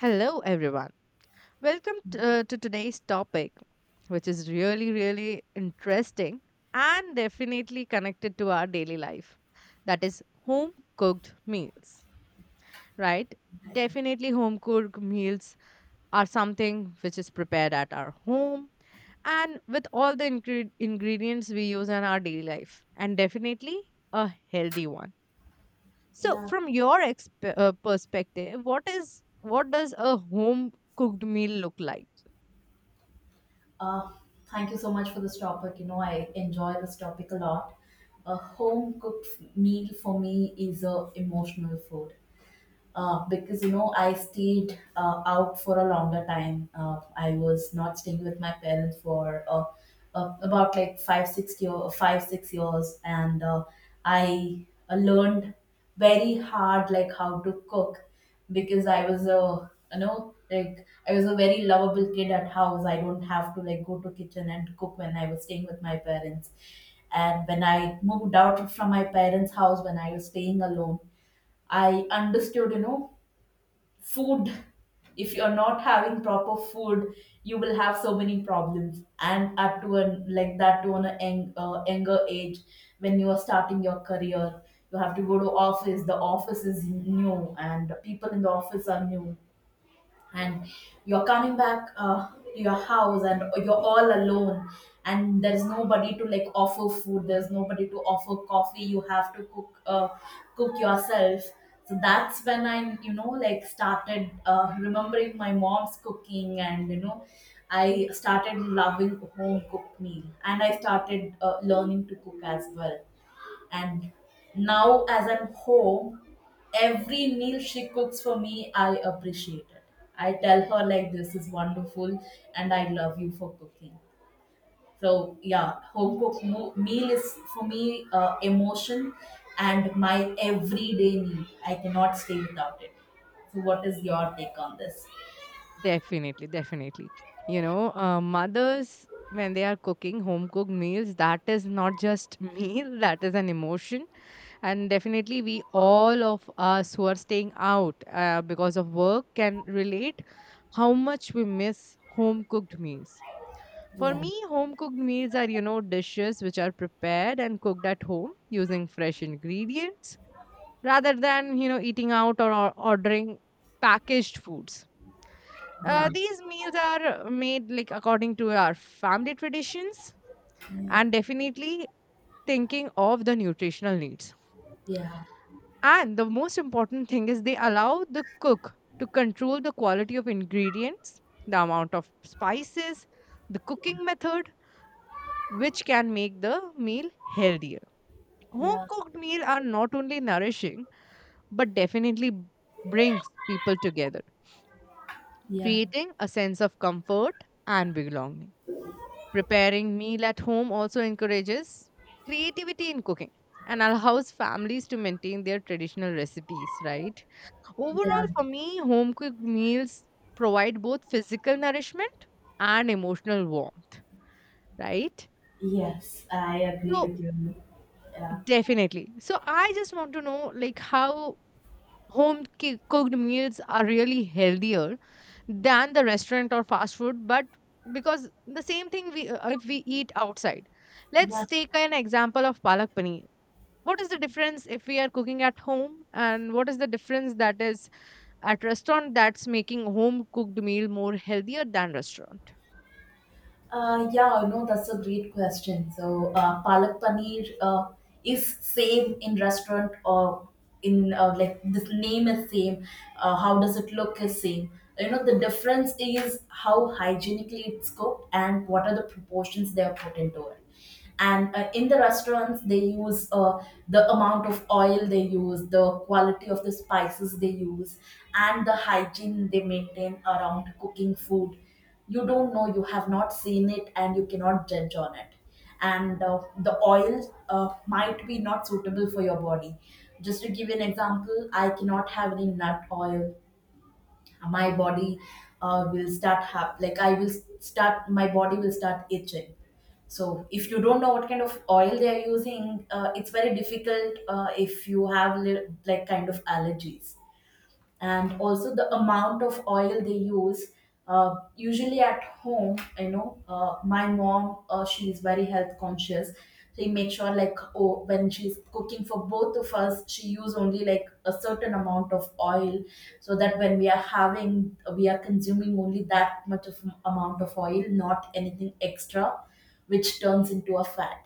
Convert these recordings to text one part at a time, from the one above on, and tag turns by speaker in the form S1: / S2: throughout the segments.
S1: Hello, everyone. Welcome to today's topic, which is really, really interesting and definitely connected to our daily life. That is home cooked meals, right? Definitely, home cooked meals are something which is prepared at our home and with all the ingredients we use in our daily life, and definitely a healthy one. So,
S2: Yeah.
S1: from your perspective, what does a home cooked meal look like?
S2: Uh, Thank you so much for this topic. You know, I enjoy this topic a lot. A home cooked meal for me is a emotional food. Because you know I stayed out for a longer time. I was not staying with my parents for about like 5-6 years, and I learned very hard, like, how to cook because I was a like, I was a very lovable kid at house. I don't have to like go to kitchen and cook when I was staying with my parents. And when I moved out from my parents' house, when I was staying alone, I understood, food, if you're not having proper food, you will have so many problems. And at to an like that to an young, younger age, when you are starting your career, you have to go to office, the office is new, and people in the office are new, and you're coming back to your house, and you're all alone, and there's nobody to like offer food, there's nobody to offer coffee, you have to cook, yourself. So that's when i, like, started remembering my mom's cooking, and I started loving home cooked meal, and I started learning to cook as well. And now, as I'm home, every meal she cooks for me, I appreciate it. I tell her, like, this is wonderful, and I love you for cooking. So, yeah, home cooked meal is for me emotion, and my everyday meal. I cannot stay without it. So, what is your take on this?
S1: Definitely, definitely. Mothers, when they are cooking home cooked meals, that is not just meal, that is an emotion. And definitely, we all of us who are staying out because of work can relate how much we miss home cooked meals. For
S2: Yeah,
S1: me, home cooked meals are, you know, dishes which are prepared and cooked at home using fresh ingredients rather than eating out or ordering packaged foods.
S2: yeah,
S1: These meals are made like according to our family traditions
S2: yeah,
S1: and definitely thinking of the nutritional needs.
S2: yeah,
S1: And the most important thing is they allow the cook to control the quality of ingredients, the amount of spices, the cooking method, which can make the meal healthier. Home
S2: yeah,
S1: cooked meals are not only nourishing but definitely brings people together,
S2: yeah,
S1: creating a sense of comfort and belonging. Preparing meal at home also encourages creativity in cooking and allows families to maintain their traditional recipes, right?
S2: yeah.
S1: Overall, for me, home cooked meals provide both physical nourishment and emotional warmth, right?
S2: Yes, I agree
S1: So,
S2: with you. Yeah.
S1: definitely. So, I just want to know like how home cooked meals are really healthier than the restaurant or fast food, but because the same thing we if we eat outside,
S2: Yeah.
S1: let's take an example of palak paneer. What is the difference if we are cooking at home and what is the difference that is at restaurant that's making home cooked meal more healthier than restaurant?
S2: Yeah, no, that's a great question. So, palak paneer is same in restaurant or in, like, this name is same. How does it look is same. You know, the difference is how hygienically it's cooked and what are the proportions they are put into it. And in the restaurants, they use the amount of oil they use, the quality of the spices they use, and the hygiene they maintain around cooking food, you don't know, you have not seen it, and you cannot judge on it. And the oil uh, might be not suitable for your body. Just to give you an example, I cannot have any nut oil. My body will start have, like, I will start my body will start itching. So, if you don't know what kind of oil they are using, it's very difficult if you have like, kind of allergies. And also the amount of oil they use. Usually at home, you know, my mom, she is very health conscious. She makes sure, like, oh, when she's cooking for both of us, she use only like a certain amount of oil, so that when we are having, we are consuming only that much of amount of oil, not anything extra, which turns into a fat.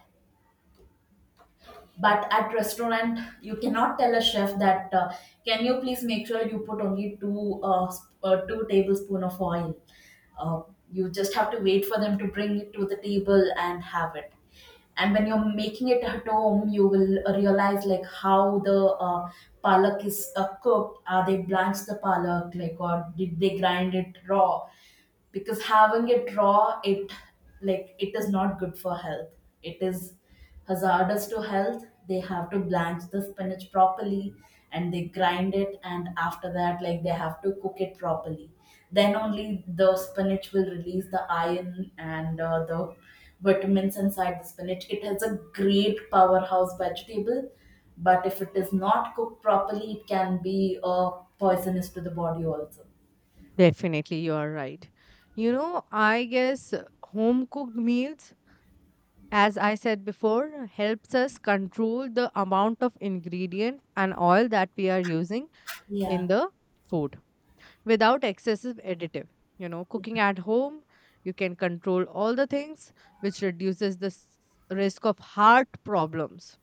S2: But at restaurant, you cannot tell a chef that, can you please make sure you put only 2 tablespoon of oil. uh, you just have to wait for them to bring it to the table and have it. And when you're making it at home, you will realize, like, how the palak is cooked, are they blanched the palak, like, or did they grind it raw? Because having it raw, it, like, it is not good for health, it is hazardous to health, they have to blanch the spinach properly, and they grind it, and after that, like, they have to cook it properly. Then only the spinach will release the iron and the vitamins inside the spinach. It has a great powerhouse vegetable. But if it is not cooked properly, it can be poisonous to the body also.
S1: Definitely, you are right. I guess home cooked meals, as I said before, helps us control the amount of ingredient and oil that we are using
S2: Yeah,
S1: in the food without excessive additive. Cooking at home, you can control all the things, which reduces the risk of heart problems,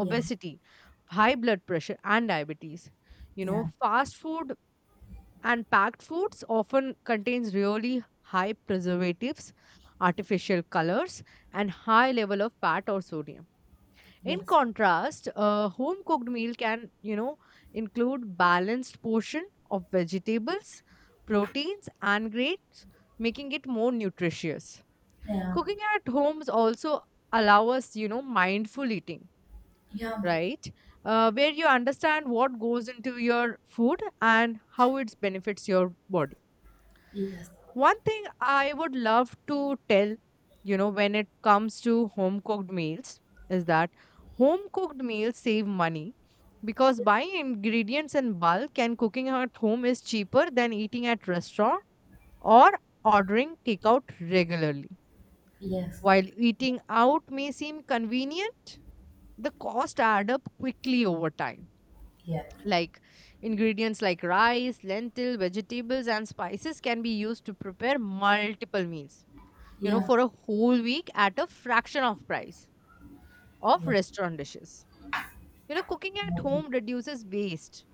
S2: yeah,
S1: high blood pressure, and diabetes.
S2: yeah.
S1: Fast food and packed foods often contains really high preservatives, artificial colors, and high level of fat or sodium. In
S2: Yes.
S1: contrast, a home cooked meal can include balanced portion of vegetables, proteins and grains, making it more nutritious.
S2: Yeah.
S1: Cooking at homes also allow us mindful eating,
S2: Yeah.
S1: right? Where you understand what goes into your food and how it benefits your body.
S2: Yes.
S1: One thing I would love to tell when it comes to home cooked meals is that home cooked meals save money because buying ingredients in bulk and cooking at home is cheaper than eating at restaurant or ordering takeout regularly.
S2: Yes.
S1: While eating out may seem convenient, the cost add up quickly over time.
S2: Yeah.
S1: Like ingredients like rice, lentil, vegetables and spices can be used to prepare multiple meals
S2: Yeah.
S1: for a whole week at a fraction of price of
S2: Yes.
S1: restaurant dishes. Cooking
S2: I
S1: at
S2: do.
S1: home reduces waste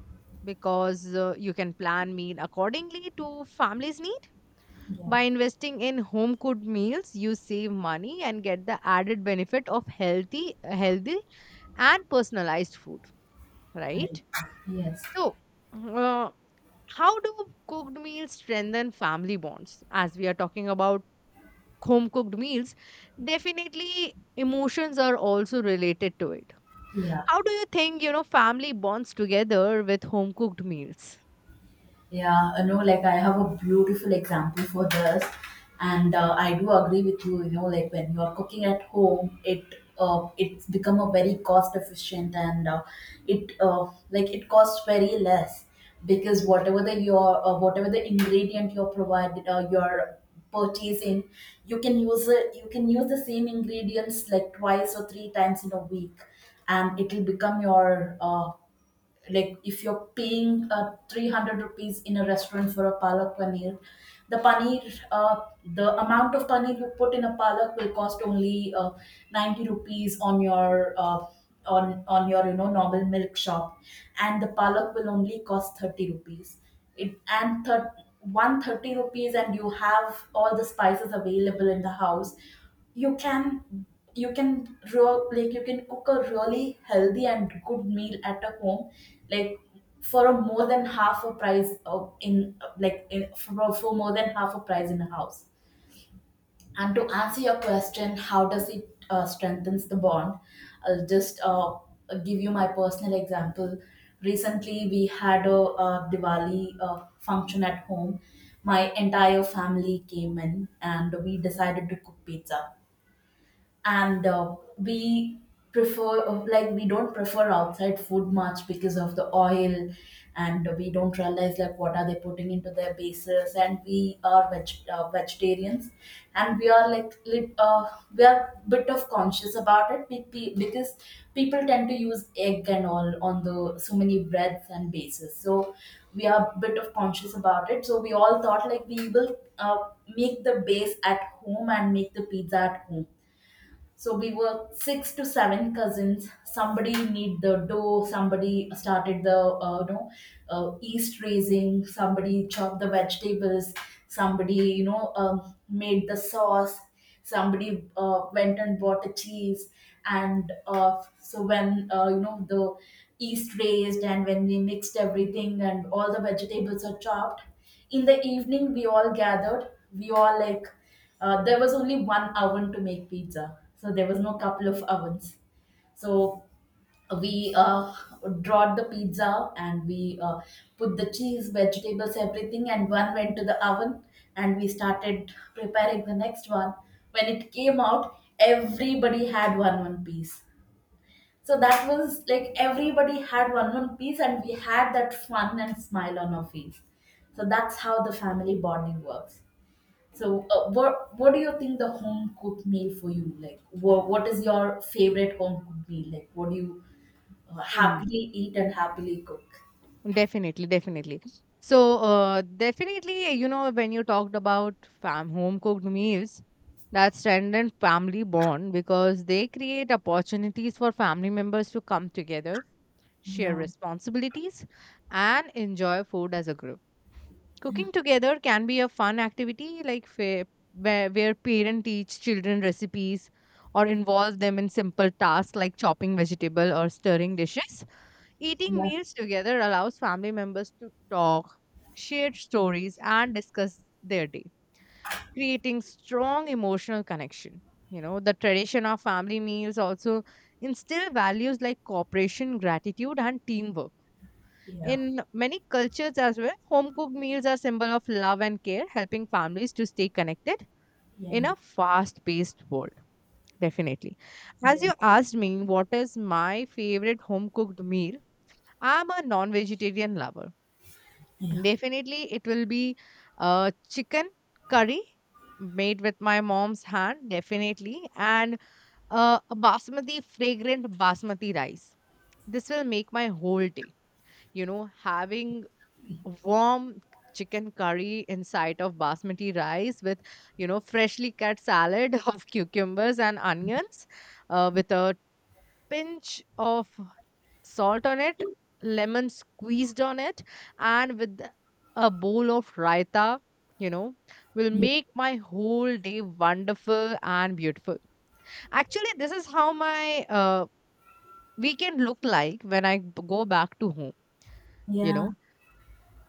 S1: because you can plan meal accordingly to family's need.
S2: Yeah.
S1: By investing in home cooked meals, you save money and get the added benefit of healthy, healthy and personalized food,
S2: I.
S1: right?
S2: Yes.
S1: So, uh, how do cooked meals strengthen family bonds? As we are talking about home cooked meals, definitely emotions are also related to it.
S2: Yeah.
S1: How do you think family bonds together with home cooked meals?
S2: Yeah, you know, like, I have a beautiful example for this, and I do agree with you. You know, like, when you are cooking at home, it's become a very cost efficient, and it like, it costs very less, because whatever the ingredient you're provided, you're purchasing, you can use it. You can use the same ingredients, like, twice or three times in a week, and it will become your, if you're paying 300 rupees in a restaurant for a palak paneer. the paneer uh, the amount of paneer you put in a palak will cost only 90 rupees on your, on your, you know, normal milk shop. And the palak will only cost 30 rupees. it and thir- 130 rupees, and you have all the spices available in the house, you can, you can real, like you can cook a really healthy and good meal at a home. Like, for a more than half a price of in like in, for more than half a price in a house. And to answer your question, how does it strengthens the bond, I'll just give you my personal example. Recently we had a, Diwali function at home. My entire family came in, and we decided to cook pizza. And we don't prefer outside food much because of the oil, and we don't realize, like, what are they putting into their bases, and we are vegetarians, and we are bit of conscious about it, because people tend to use egg and all on the so many breads and bases. So we are bit of conscious about it, so we all thought, like, we will make the base at home and make the pizza at home. So we were six to seven cousins. Somebody made the dough. Somebody started the yeast raising. Somebody chopped the vegetables. Somebody, made the sauce. Somebody went and bought the cheese. And so when, you know, the yeast raised, and when we mixed everything and all the vegetables are chopped, in the evening we all gathered, we all like, there was only one oven to make pizza, so there was no couple of ovens. So we brought the pizza, and we put the cheese, vegetables, everything, and one went to the oven, and we started preparing the next one. When it came out, everybody had one piece. So that was like everybody had one piece, and we had that fun and smile on our face. So that's how the family bonding works. So, what do you think the home cooked meal for you like? What is your favorite home cooked meal like? What do you
S1: Mm,
S2: happily eat and happily cook?
S1: Definitely, definitely. So, definitely, when you talked about fam home cooked meals, that strengthen family bond because they create opportunities for family members to come together, share
S2: Yeah,
S1: responsibilities, and enjoy food as a group. Cooking together can be a fun activity, like where parents teach children recipes or involve them in simple tasks like chopping vegetable or stirring dishes. Eating
S2: yeah,
S1: meals together allows family members to talk, share stories, and discuss their day, creating strong emotional connection. The tradition of family meals also instill values like cooperation, gratitude, and teamwork
S2: yeah,
S1: in many cultures as well. Home cooked meals are symbol of love and care, helping families to stay connected
S2: yeah,
S1: in a fast paced world. Definitely. As
S2: yeah,
S1: you asked me, what is my favorite home cooked meal? I'm a non vegetarian lover.
S2: yeah,
S1: Definitely, it will be chicken curry made with my mom's hand, definitely, and a basmati, fragrant basmati rice. This will make my whole day. Having warm chicken curry inside of basmati rice with freshly cut salad of cucumbers and onions, with a pinch of salt on it, lemon squeezed on it, and with a bowl of raita you know will
S2: yeah.
S1: make my whole day wonderful and beautiful. Actually, this is how my weekend looked like when I go back to home. you
S2: Yeah.
S1: know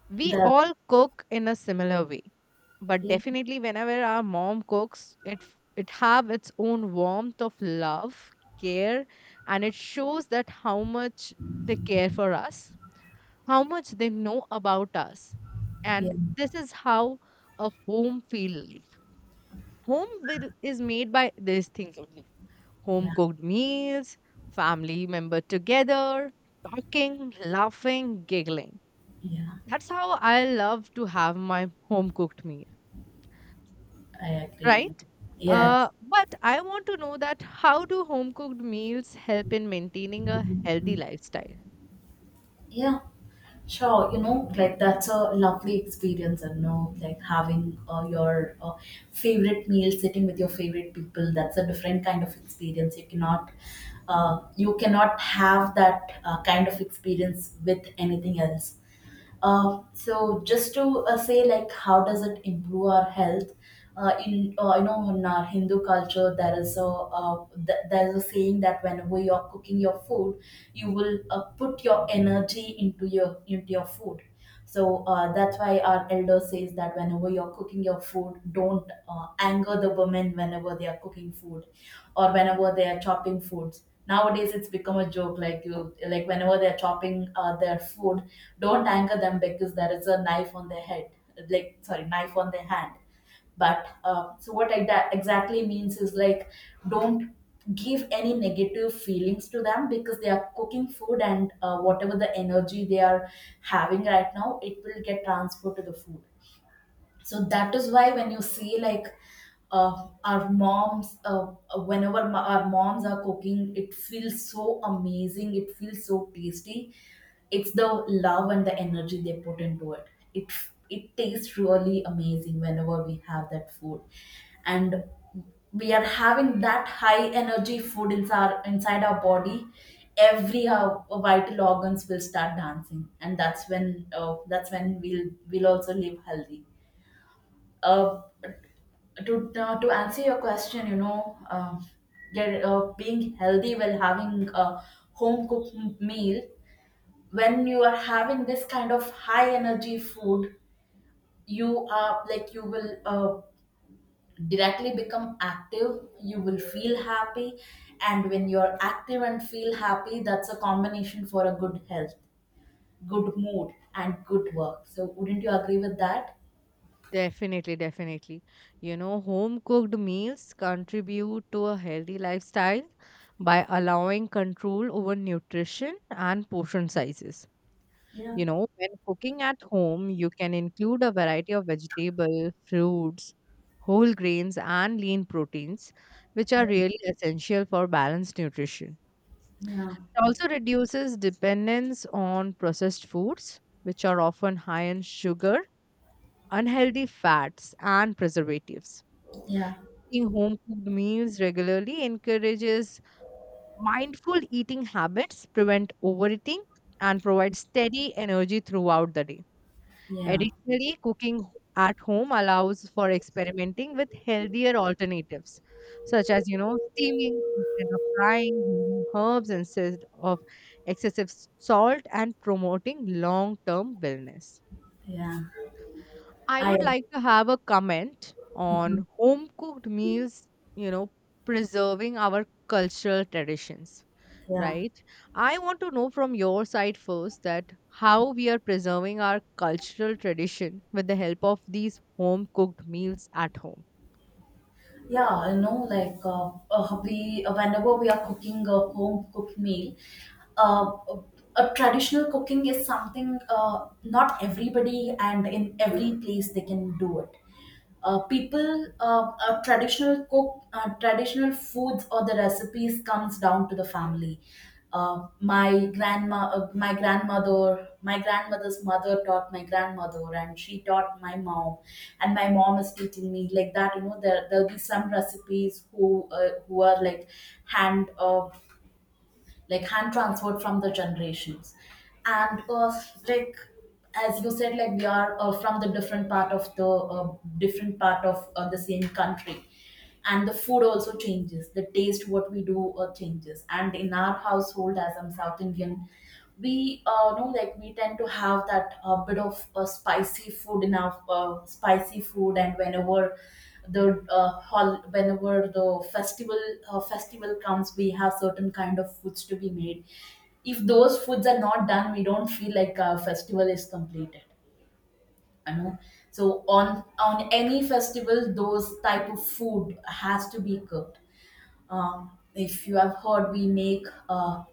S1: We
S2: That.
S1: all cook in a similar way, but
S2: Yeah,
S1: definitely whenever our mom cooks, it have its own warmth of love, care, and it shows that how much they care for us, how much they know about us,
S2: yeah,
S1: and this is how a home feel like. Home is made by these things only: home
S2: yeah,
S1: cooked meals, family member together, talking, laughing, giggling.
S2: yeah.
S1: That's how I love to have my home cooked meal,
S2: I agree.
S1: right?
S2: Yes.
S1: But I want to know that how do home cooked meals help in maintaining a healthy lifestyle?
S2: Yeah. Sure, you know, like, that's a lovely experience, and you know, like, having your favorite meal, sitting with your favorite people. That's a different kind of experience. You cannot have that kind of experience with anything else. So, just to say, like, how does it improve our health, in, you know, in our Hindu culture, there is there is a saying that whenever you're cooking your food, you will put your energy into your food. So, that's why our elder says that whenever you're cooking your food, don't anger the women whenever they are cooking food, or whenever they are chopping foods. Nowadays it's become a joke, like, you, like, whenever they're chopping their food, don't anger them because there is a knife on their head, like, sorry, knife on their hand. But so what I exactly means is, like, don't give any negative feelings to them because they are cooking food, and whatever the energy they are having right now, it will get transferred to the food. So that is why when you see, like, our moms, our moms are cooking, it feels so amazing, it feels so tasty. It's the love and the energy they put into it it tastes really amazing whenever we have that food. And we are having that high energy food inside our body. Every our vital organs will start dancing, and that's when we'll also live healthy. uh, to answer your question, you know, being healthy while having a home cooked meal. When you are having this kind of high energy food, you are like you will directly become active. You will feel happy, and when you are active and feel happy, that's a combination for a good health, good mood, and good work. So, wouldn't you agree with that?
S1: Definitely, definitely. Home cooked meals contribute to a healthy lifestyle by allowing control over nutrition and portion sizes.
S2: Yeah,
S1: When cooking at home, you can include a variety of vegetable, fruits, whole grains, and lean proteins, which are really essential for balanced nutrition.
S2: yeah,
S1: It also reduces dependence on processed foods, which are often high in sugar, unhealthy fats, and preservatives.
S2: yeah,
S1: Eating home cooked meals regularly encourages mindful eating habits, prevent overeating, and provides steady energy throughout the day.
S2: yeah,
S1: Additionally, cooking at home allows for experimenting with healthier alternatives, such as, steaming instead of frying, using herbs instead of excessive salt, and promoting long term wellness.
S2: yeah.
S1: I
S2: I
S1: would like to have a comment on home cooked meals, you know, preserving our cultural traditions,
S2: yeah
S1: right? I want to know from your side first that how we are preserving our cultural tradition with the help of these home cooked meals at home.
S2: yeah You know, like we whenever we are cooking a home cooked meal, uh, a traditional cooking is something not everybody and in every place they can do it. People traditional cook, traditional foods or the recipes comes down to the family. Uh, my grandma uh, my grandmother my grandmother's mother taught my grandmother and she taught my mom, and my mom is teaching me like that. You know, there'll be some recipes who are like hand uh, hand transferred from the generations. And like as you said, we are from the different part of the same country, and the food also changes. The taste what we do changes. And in our household, as I'm South Indian, we know like we tend to have that bit of spicy food in our spicy food. And whenever the festival comes, we have certain kind of foods to be made. If those foods are not done, we don't feel like our festival is completed. I know. So on any festival, those type of food has to be cooked. If you have heard, we make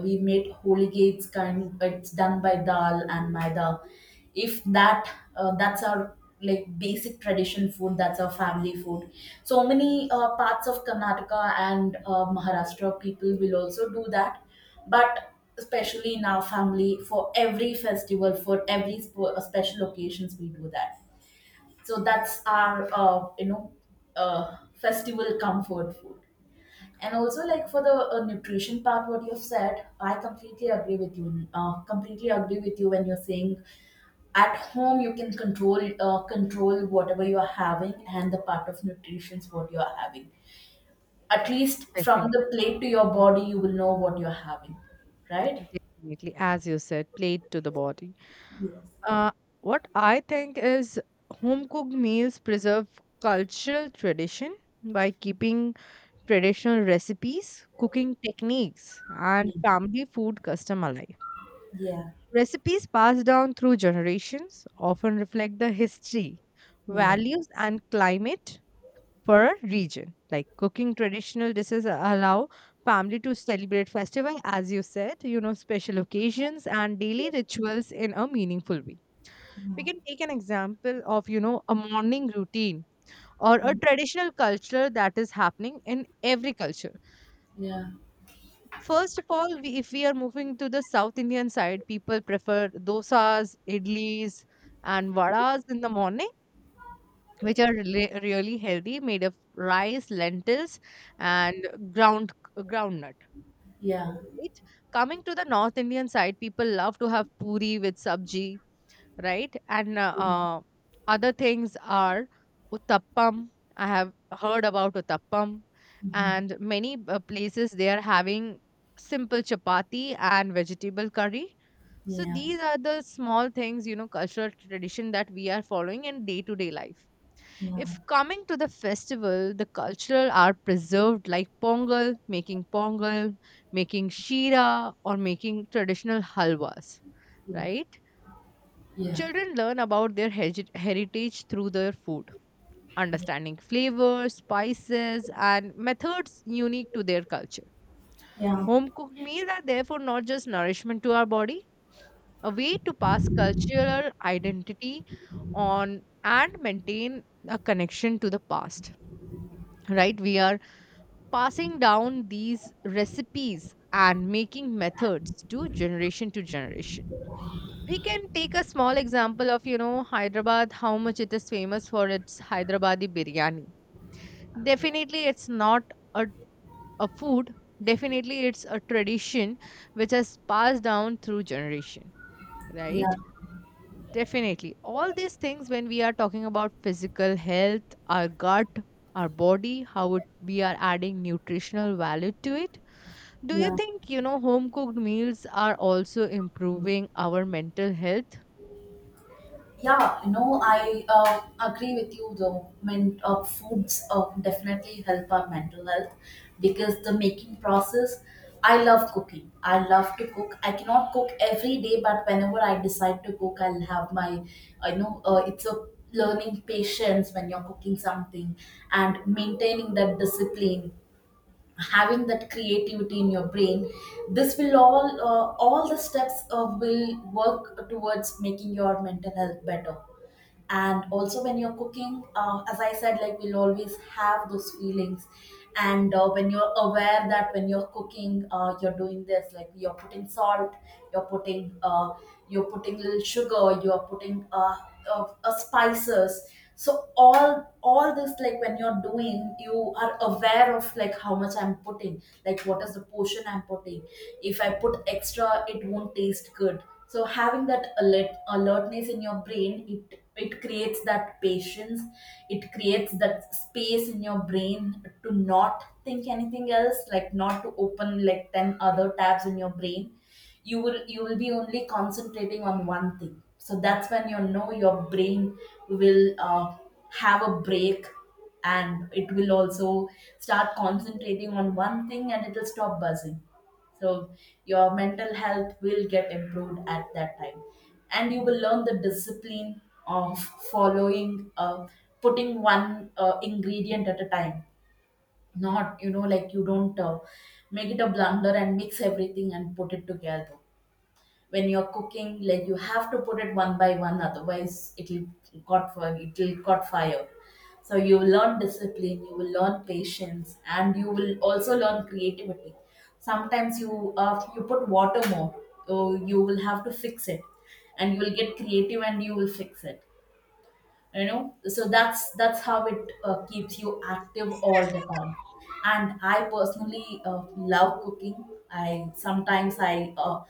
S2: we made holy gates kind. It's done by dal and maida. If that That's our like basic tradition food. That's our family food. So many parts of Karnataka and Maharashtra people will also do that, but especially in our family, for every festival, for every special occasions, we do that. So that's our festival comfort food. And also, like for the nutrition part, what you've said, I completely agree with you. Completely agree with you when you're saying at home you can control whatever you are having, and the part of nutrition is what you are having. At least from
S1: Definitely,
S2: the plate to your body, you will know what you're having, right?
S1: definitely, as you said, plate to the body.
S2: Yes.
S1: Uh, what I think is home cooked meals preserve cultural tradition by keeping traditional recipes, cooking techniques, and
S2: Mm.
S1: family food custom alive.
S2: Yeah,
S1: Recipes passed down through generations often reflect the history,
S2: yeah.
S1: values, and climate for a region. Like cooking traditional dishes allow family to celebrate festival, as you said, special occasions and daily rituals in a meaningful way. We can take an example of, a morning routine or a
S2: Mm.
S1: traditional culture that is happening in every culture.
S2: Yeah,
S1: First of all, we, if we are moving to the South Indian side, people prefer dosas, idlis, and vadas in the morning, which are really, really healthy, made of rice, lentils, and ground groundnut.
S2: yeah.
S1: Right? Coming to the North Indian side, people love to have puri with sabji, right? And other things are Uttappam. I have heard about Uttappam,
S2: Mhm.
S1: and many places they are having simple chapati and vegetable curry. So
S2: Yeah,
S1: these are the small things, cultural tradition that we are following in day to day life.
S2: yeah,
S1: If coming to the festival, the cultural are preserved like pongal, making shira, or making traditional halwas,
S2: yeah,
S1: right?
S2: yeah.
S1: Children learn about their heritage through their food, understanding flavors, spices, and methods unique to their culture.
S2: Yeah.
S1: Home cooked meals are therefore not just nourishment to our body, a way to pass cultural identity on and maintain a connection to the past. Right? We are passing down these recipes and making methods to generation to generation. We can take a small example of, Hyderabad, how much it is famous for its Hyderabadi biryani. Definitely, it's not a, a food. Definitely, it's a tradition which has passed down through generation,
S2: Yeah,
S1: right? Definitely. All these things, when we are talking about physical health, our gut, our body, how it, we are adding nutritional value to it. Do you
S2: yeah.
S1: think, home cooked meals are also improving our mental health?
S2: Yeah, you know, I agree with you though. When foods definitely help our mental health, because the making process, I love cooking. I love to cook. I cannot cook every day, but whenever I decide to cook, I'll have my, it's a learning patience when you're cooking something and maintaining that discipline, having that creativity in your brain. This will all the steps will work towards making your mental health better. And also when you're cooking, as I said, like we'll always have those feelings. And when you're aware that when you're cooking, you're doing this, like you're putting salt, you're putting uh, you're putting little sugar, you're putting spices. So all this, like when you're doing, you are aware of like how much I'm putting, like what is the portion I'm putting. If I put extra it won't taste good. So having that alertness in your brain, it creates that patience. It creates that space in your brain to not think anything else, like not to open like 10 other tabs in your brain. You will be only concentrating on one thing. So that's when, you know, your brain will have a break, and it will also start concentrating on one thing and it will stop buzzing. So your mental health will get improved at that time. And you will learn the discipline of following, putting one ingredient at a time, not, you know, like you don't make it a blunder and mix everything and put it together. When you're cooking, like you have to put it one by one, otherwise it'll got fire it'll caught fire. So you will learn discipline, you will learn patience, and you will also learn creativity. Sometimes you you put water more, so you will have to fix it, and you will get creative and you will fix it, you know. So that's how it keeps you active all the time. And I personally love cooking. I sometimes i uh,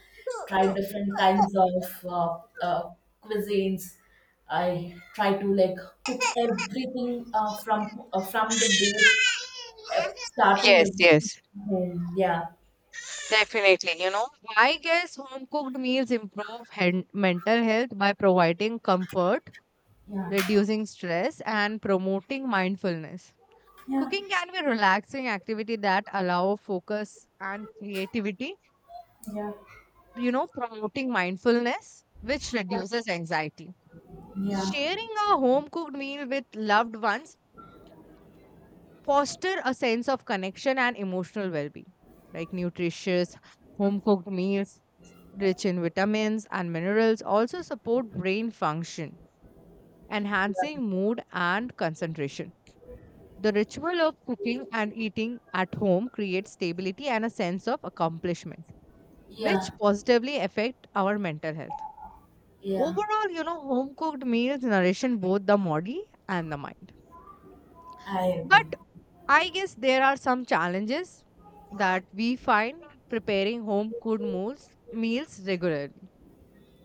S2: try different kinds of cuisines. I try to like cook everything from the base, uh, starting
S1: Yes,
S2: everything
S1: yes.
S2: from home. Yeah,
S1: Definitely, I guess home cooked meals improve mental health by providing comfort,
S2: yeah,
S1: reducing stress, and promoting mindfulness.
S2: yeah,
S1: Cooking can be a relaxing activity that allow focus and creativity,
S2: yeah,
S1: promoting mindfulness, which reduces anxiety.
S2: yeah,
S1: Sharing a home cooked meal with loved ones foster a sense of connection and emotional well-being. Like nutritious home cooked meals rich in vitamins and minerals, also support brain function, enhancing
S2: yeah,
S1: mood and concentration. The ritual of cooking and eating at home creates stability and a sense of accomplishment,
S2: yeah,
S1: which positively affect our mental health.
S2: yeah.
S1: Overall, home cooked meals nourish both the body and the mind.
S2: I
S1: But
S2: agree.
S1: I guess there are some challenges that we find preparing home cooked meals regularly.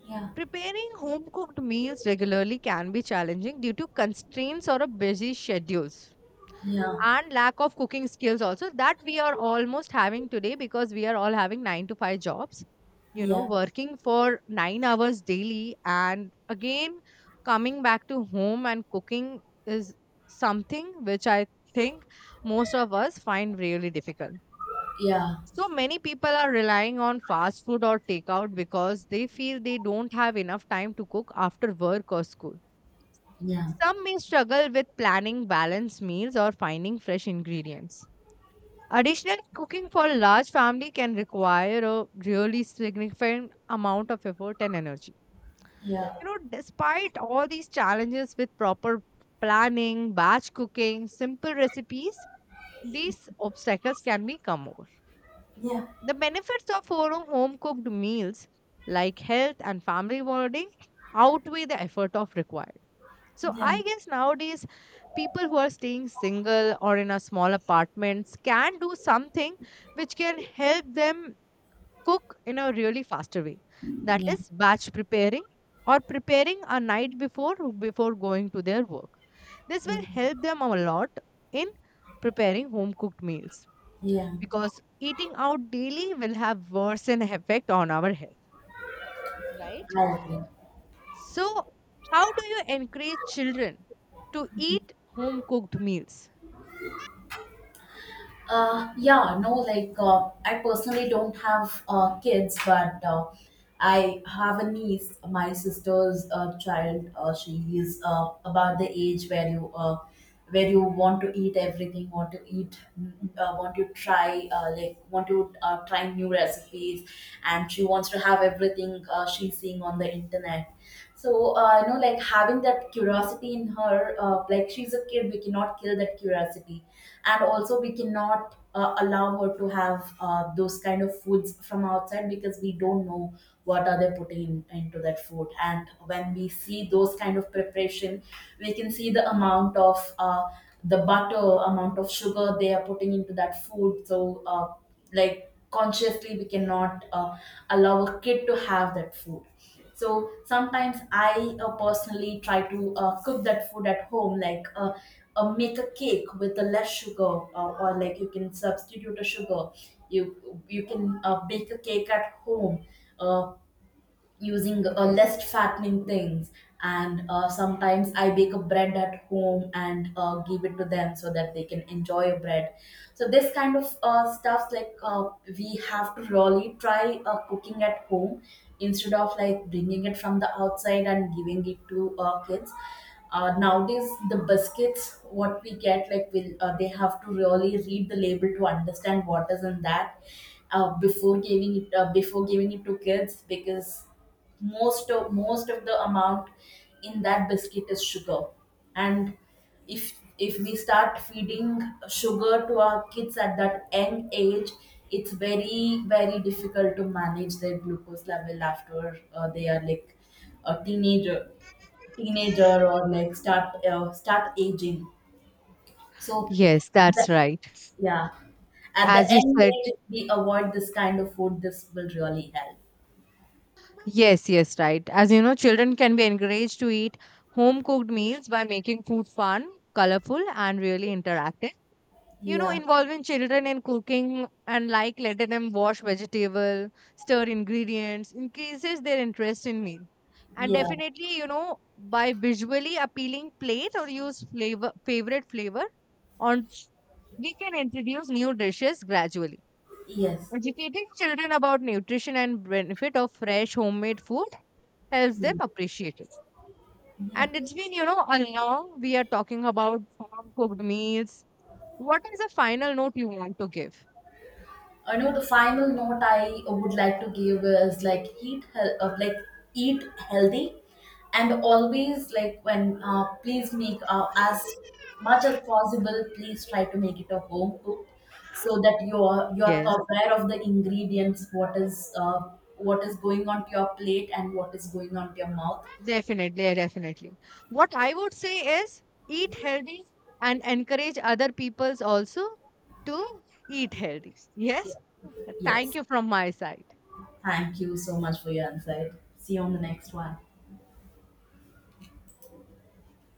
S2: Yeah,
S1: Preparing home cooked meals regularly can be challenging due to constraints or a busy schedules
S2: yeah,
S1: and lack of cooking skills also that we are almost having today because we are all having 9 to 5 jobs,
S2: yeah.
S1: working for 9 hours daily. And again coming back to home and cooking is something which I think most of us find really difficult.
S2: Yeah,
S1: So many people are relying on fast food or takeout because they feel they don't have enough time to cook after work or school.
S2: yeah.
S1: Some may struggle with planning balanced meals or finding fresh ingredients. Additionally, cooking for a large family can require a really significant amount of effort and energy.
S2: Yeah,
S1: Despite all these challenges with proper planning, batch cooking, simple recipes, these obstacles can be come over.
S2: yeah,
S1: The benefits of our home cooked meals, like health and family bonding, outweigh the effort of required. So
S2: yeah,
S1: I guess nowadays people who are staying single or in a small apartments can do something which can help them cook in a really faster way. That
S2: yeah.
S1: is batch preparing or preparing a night before before going to their work. This
S2: Yeah,
S1: will help them a lot in preparing home cooked meals
S2: yeah.
S1: because eating out daily will have worse an effect on our health, right?
S2: I agree.
S1: So, how do you encourage children to eat home cooked meals?
S2: Yeah, no, like I personally don't have kids, but I have a niece. My sister's child. She is about the age where you want to eat everything, want to eat, mm, want to try want to try new recipes, and she wants to have everything she's seeing on the internet. So you know, like having that curiosity in her, like she's a kid, we cannot kill that curiosity. And also we cannot allow her to have those kind of foods from outside, because we don't know what are they putting into that food. And when we see those kind of preparation, we can see the amount of the butter, amount of sugar they are putting into that food. So like consciously we cannot allow a kid to have that food. So sometimes I personally try to cook that food at home, like make a cake with less sugar, or like you can substitute a sugar. you you can bake a cake at home uh, using less fattening things. And sometimes I bake a bread at home and give it to them, so that they can enjoy a bread. So this kind of stuff, like we have to really try cooking at home instead of like bringing it from the outside and giving it to kids. Nowadays the biscuits what we get, like will they have to really read the label to understand what is in that before giving it to kids, because most of the amount in that biscuit is sugar. And if we start feeding sugar to our kids at that young age, it's very very difficult to manage their glucose level after they are like a teenager. Or like start aging. So at
S1: Yes, that's
S2: the,
S1: right.
S2: yeah, at the
S1: As you
S2: end
S1: said,
S2: age, if we avoid this kind of food, this will really help.
S1: yes, yes, right. As you know, children can be encouraged to eat home cooked meals by making food fun, colorful, and really interactive. you know
S2: Yeah,
S1: involving children in cooking and like letting them wash vegetable, stir ingredients, increases their interest in meal, and
S2: yeah,
S1: definitely, by visually appealing plate or use flavor favorite flavor on s- we can introduce new dishes gradually,
S2: yes.
S1: educating children about nutrition and benefit of fresh homemade food helps
S2: Yeah.
S1: them appreciate it.
S2: Yeah.
S1: And it's been, a long we are talking about home cooked meals. What is the final note you want to give?
S2: I know the final note I would like to give is like eat healthy. And always like when please make as much as possible please try to make it a home cooked, so that you're
S1: Yes,
S2: aware of the ingredients, what is going on to your plate and what is going on to your mouth.
S1: definitely, yeah, definitely. What I would say is eat healthy and encourage other peoples also to eat healthy.
S2: Yeah.
S1: Yes. Thank
S2: Yes.
S1: you from my side.
S2: Thank you so much for your insight. See you on the next one.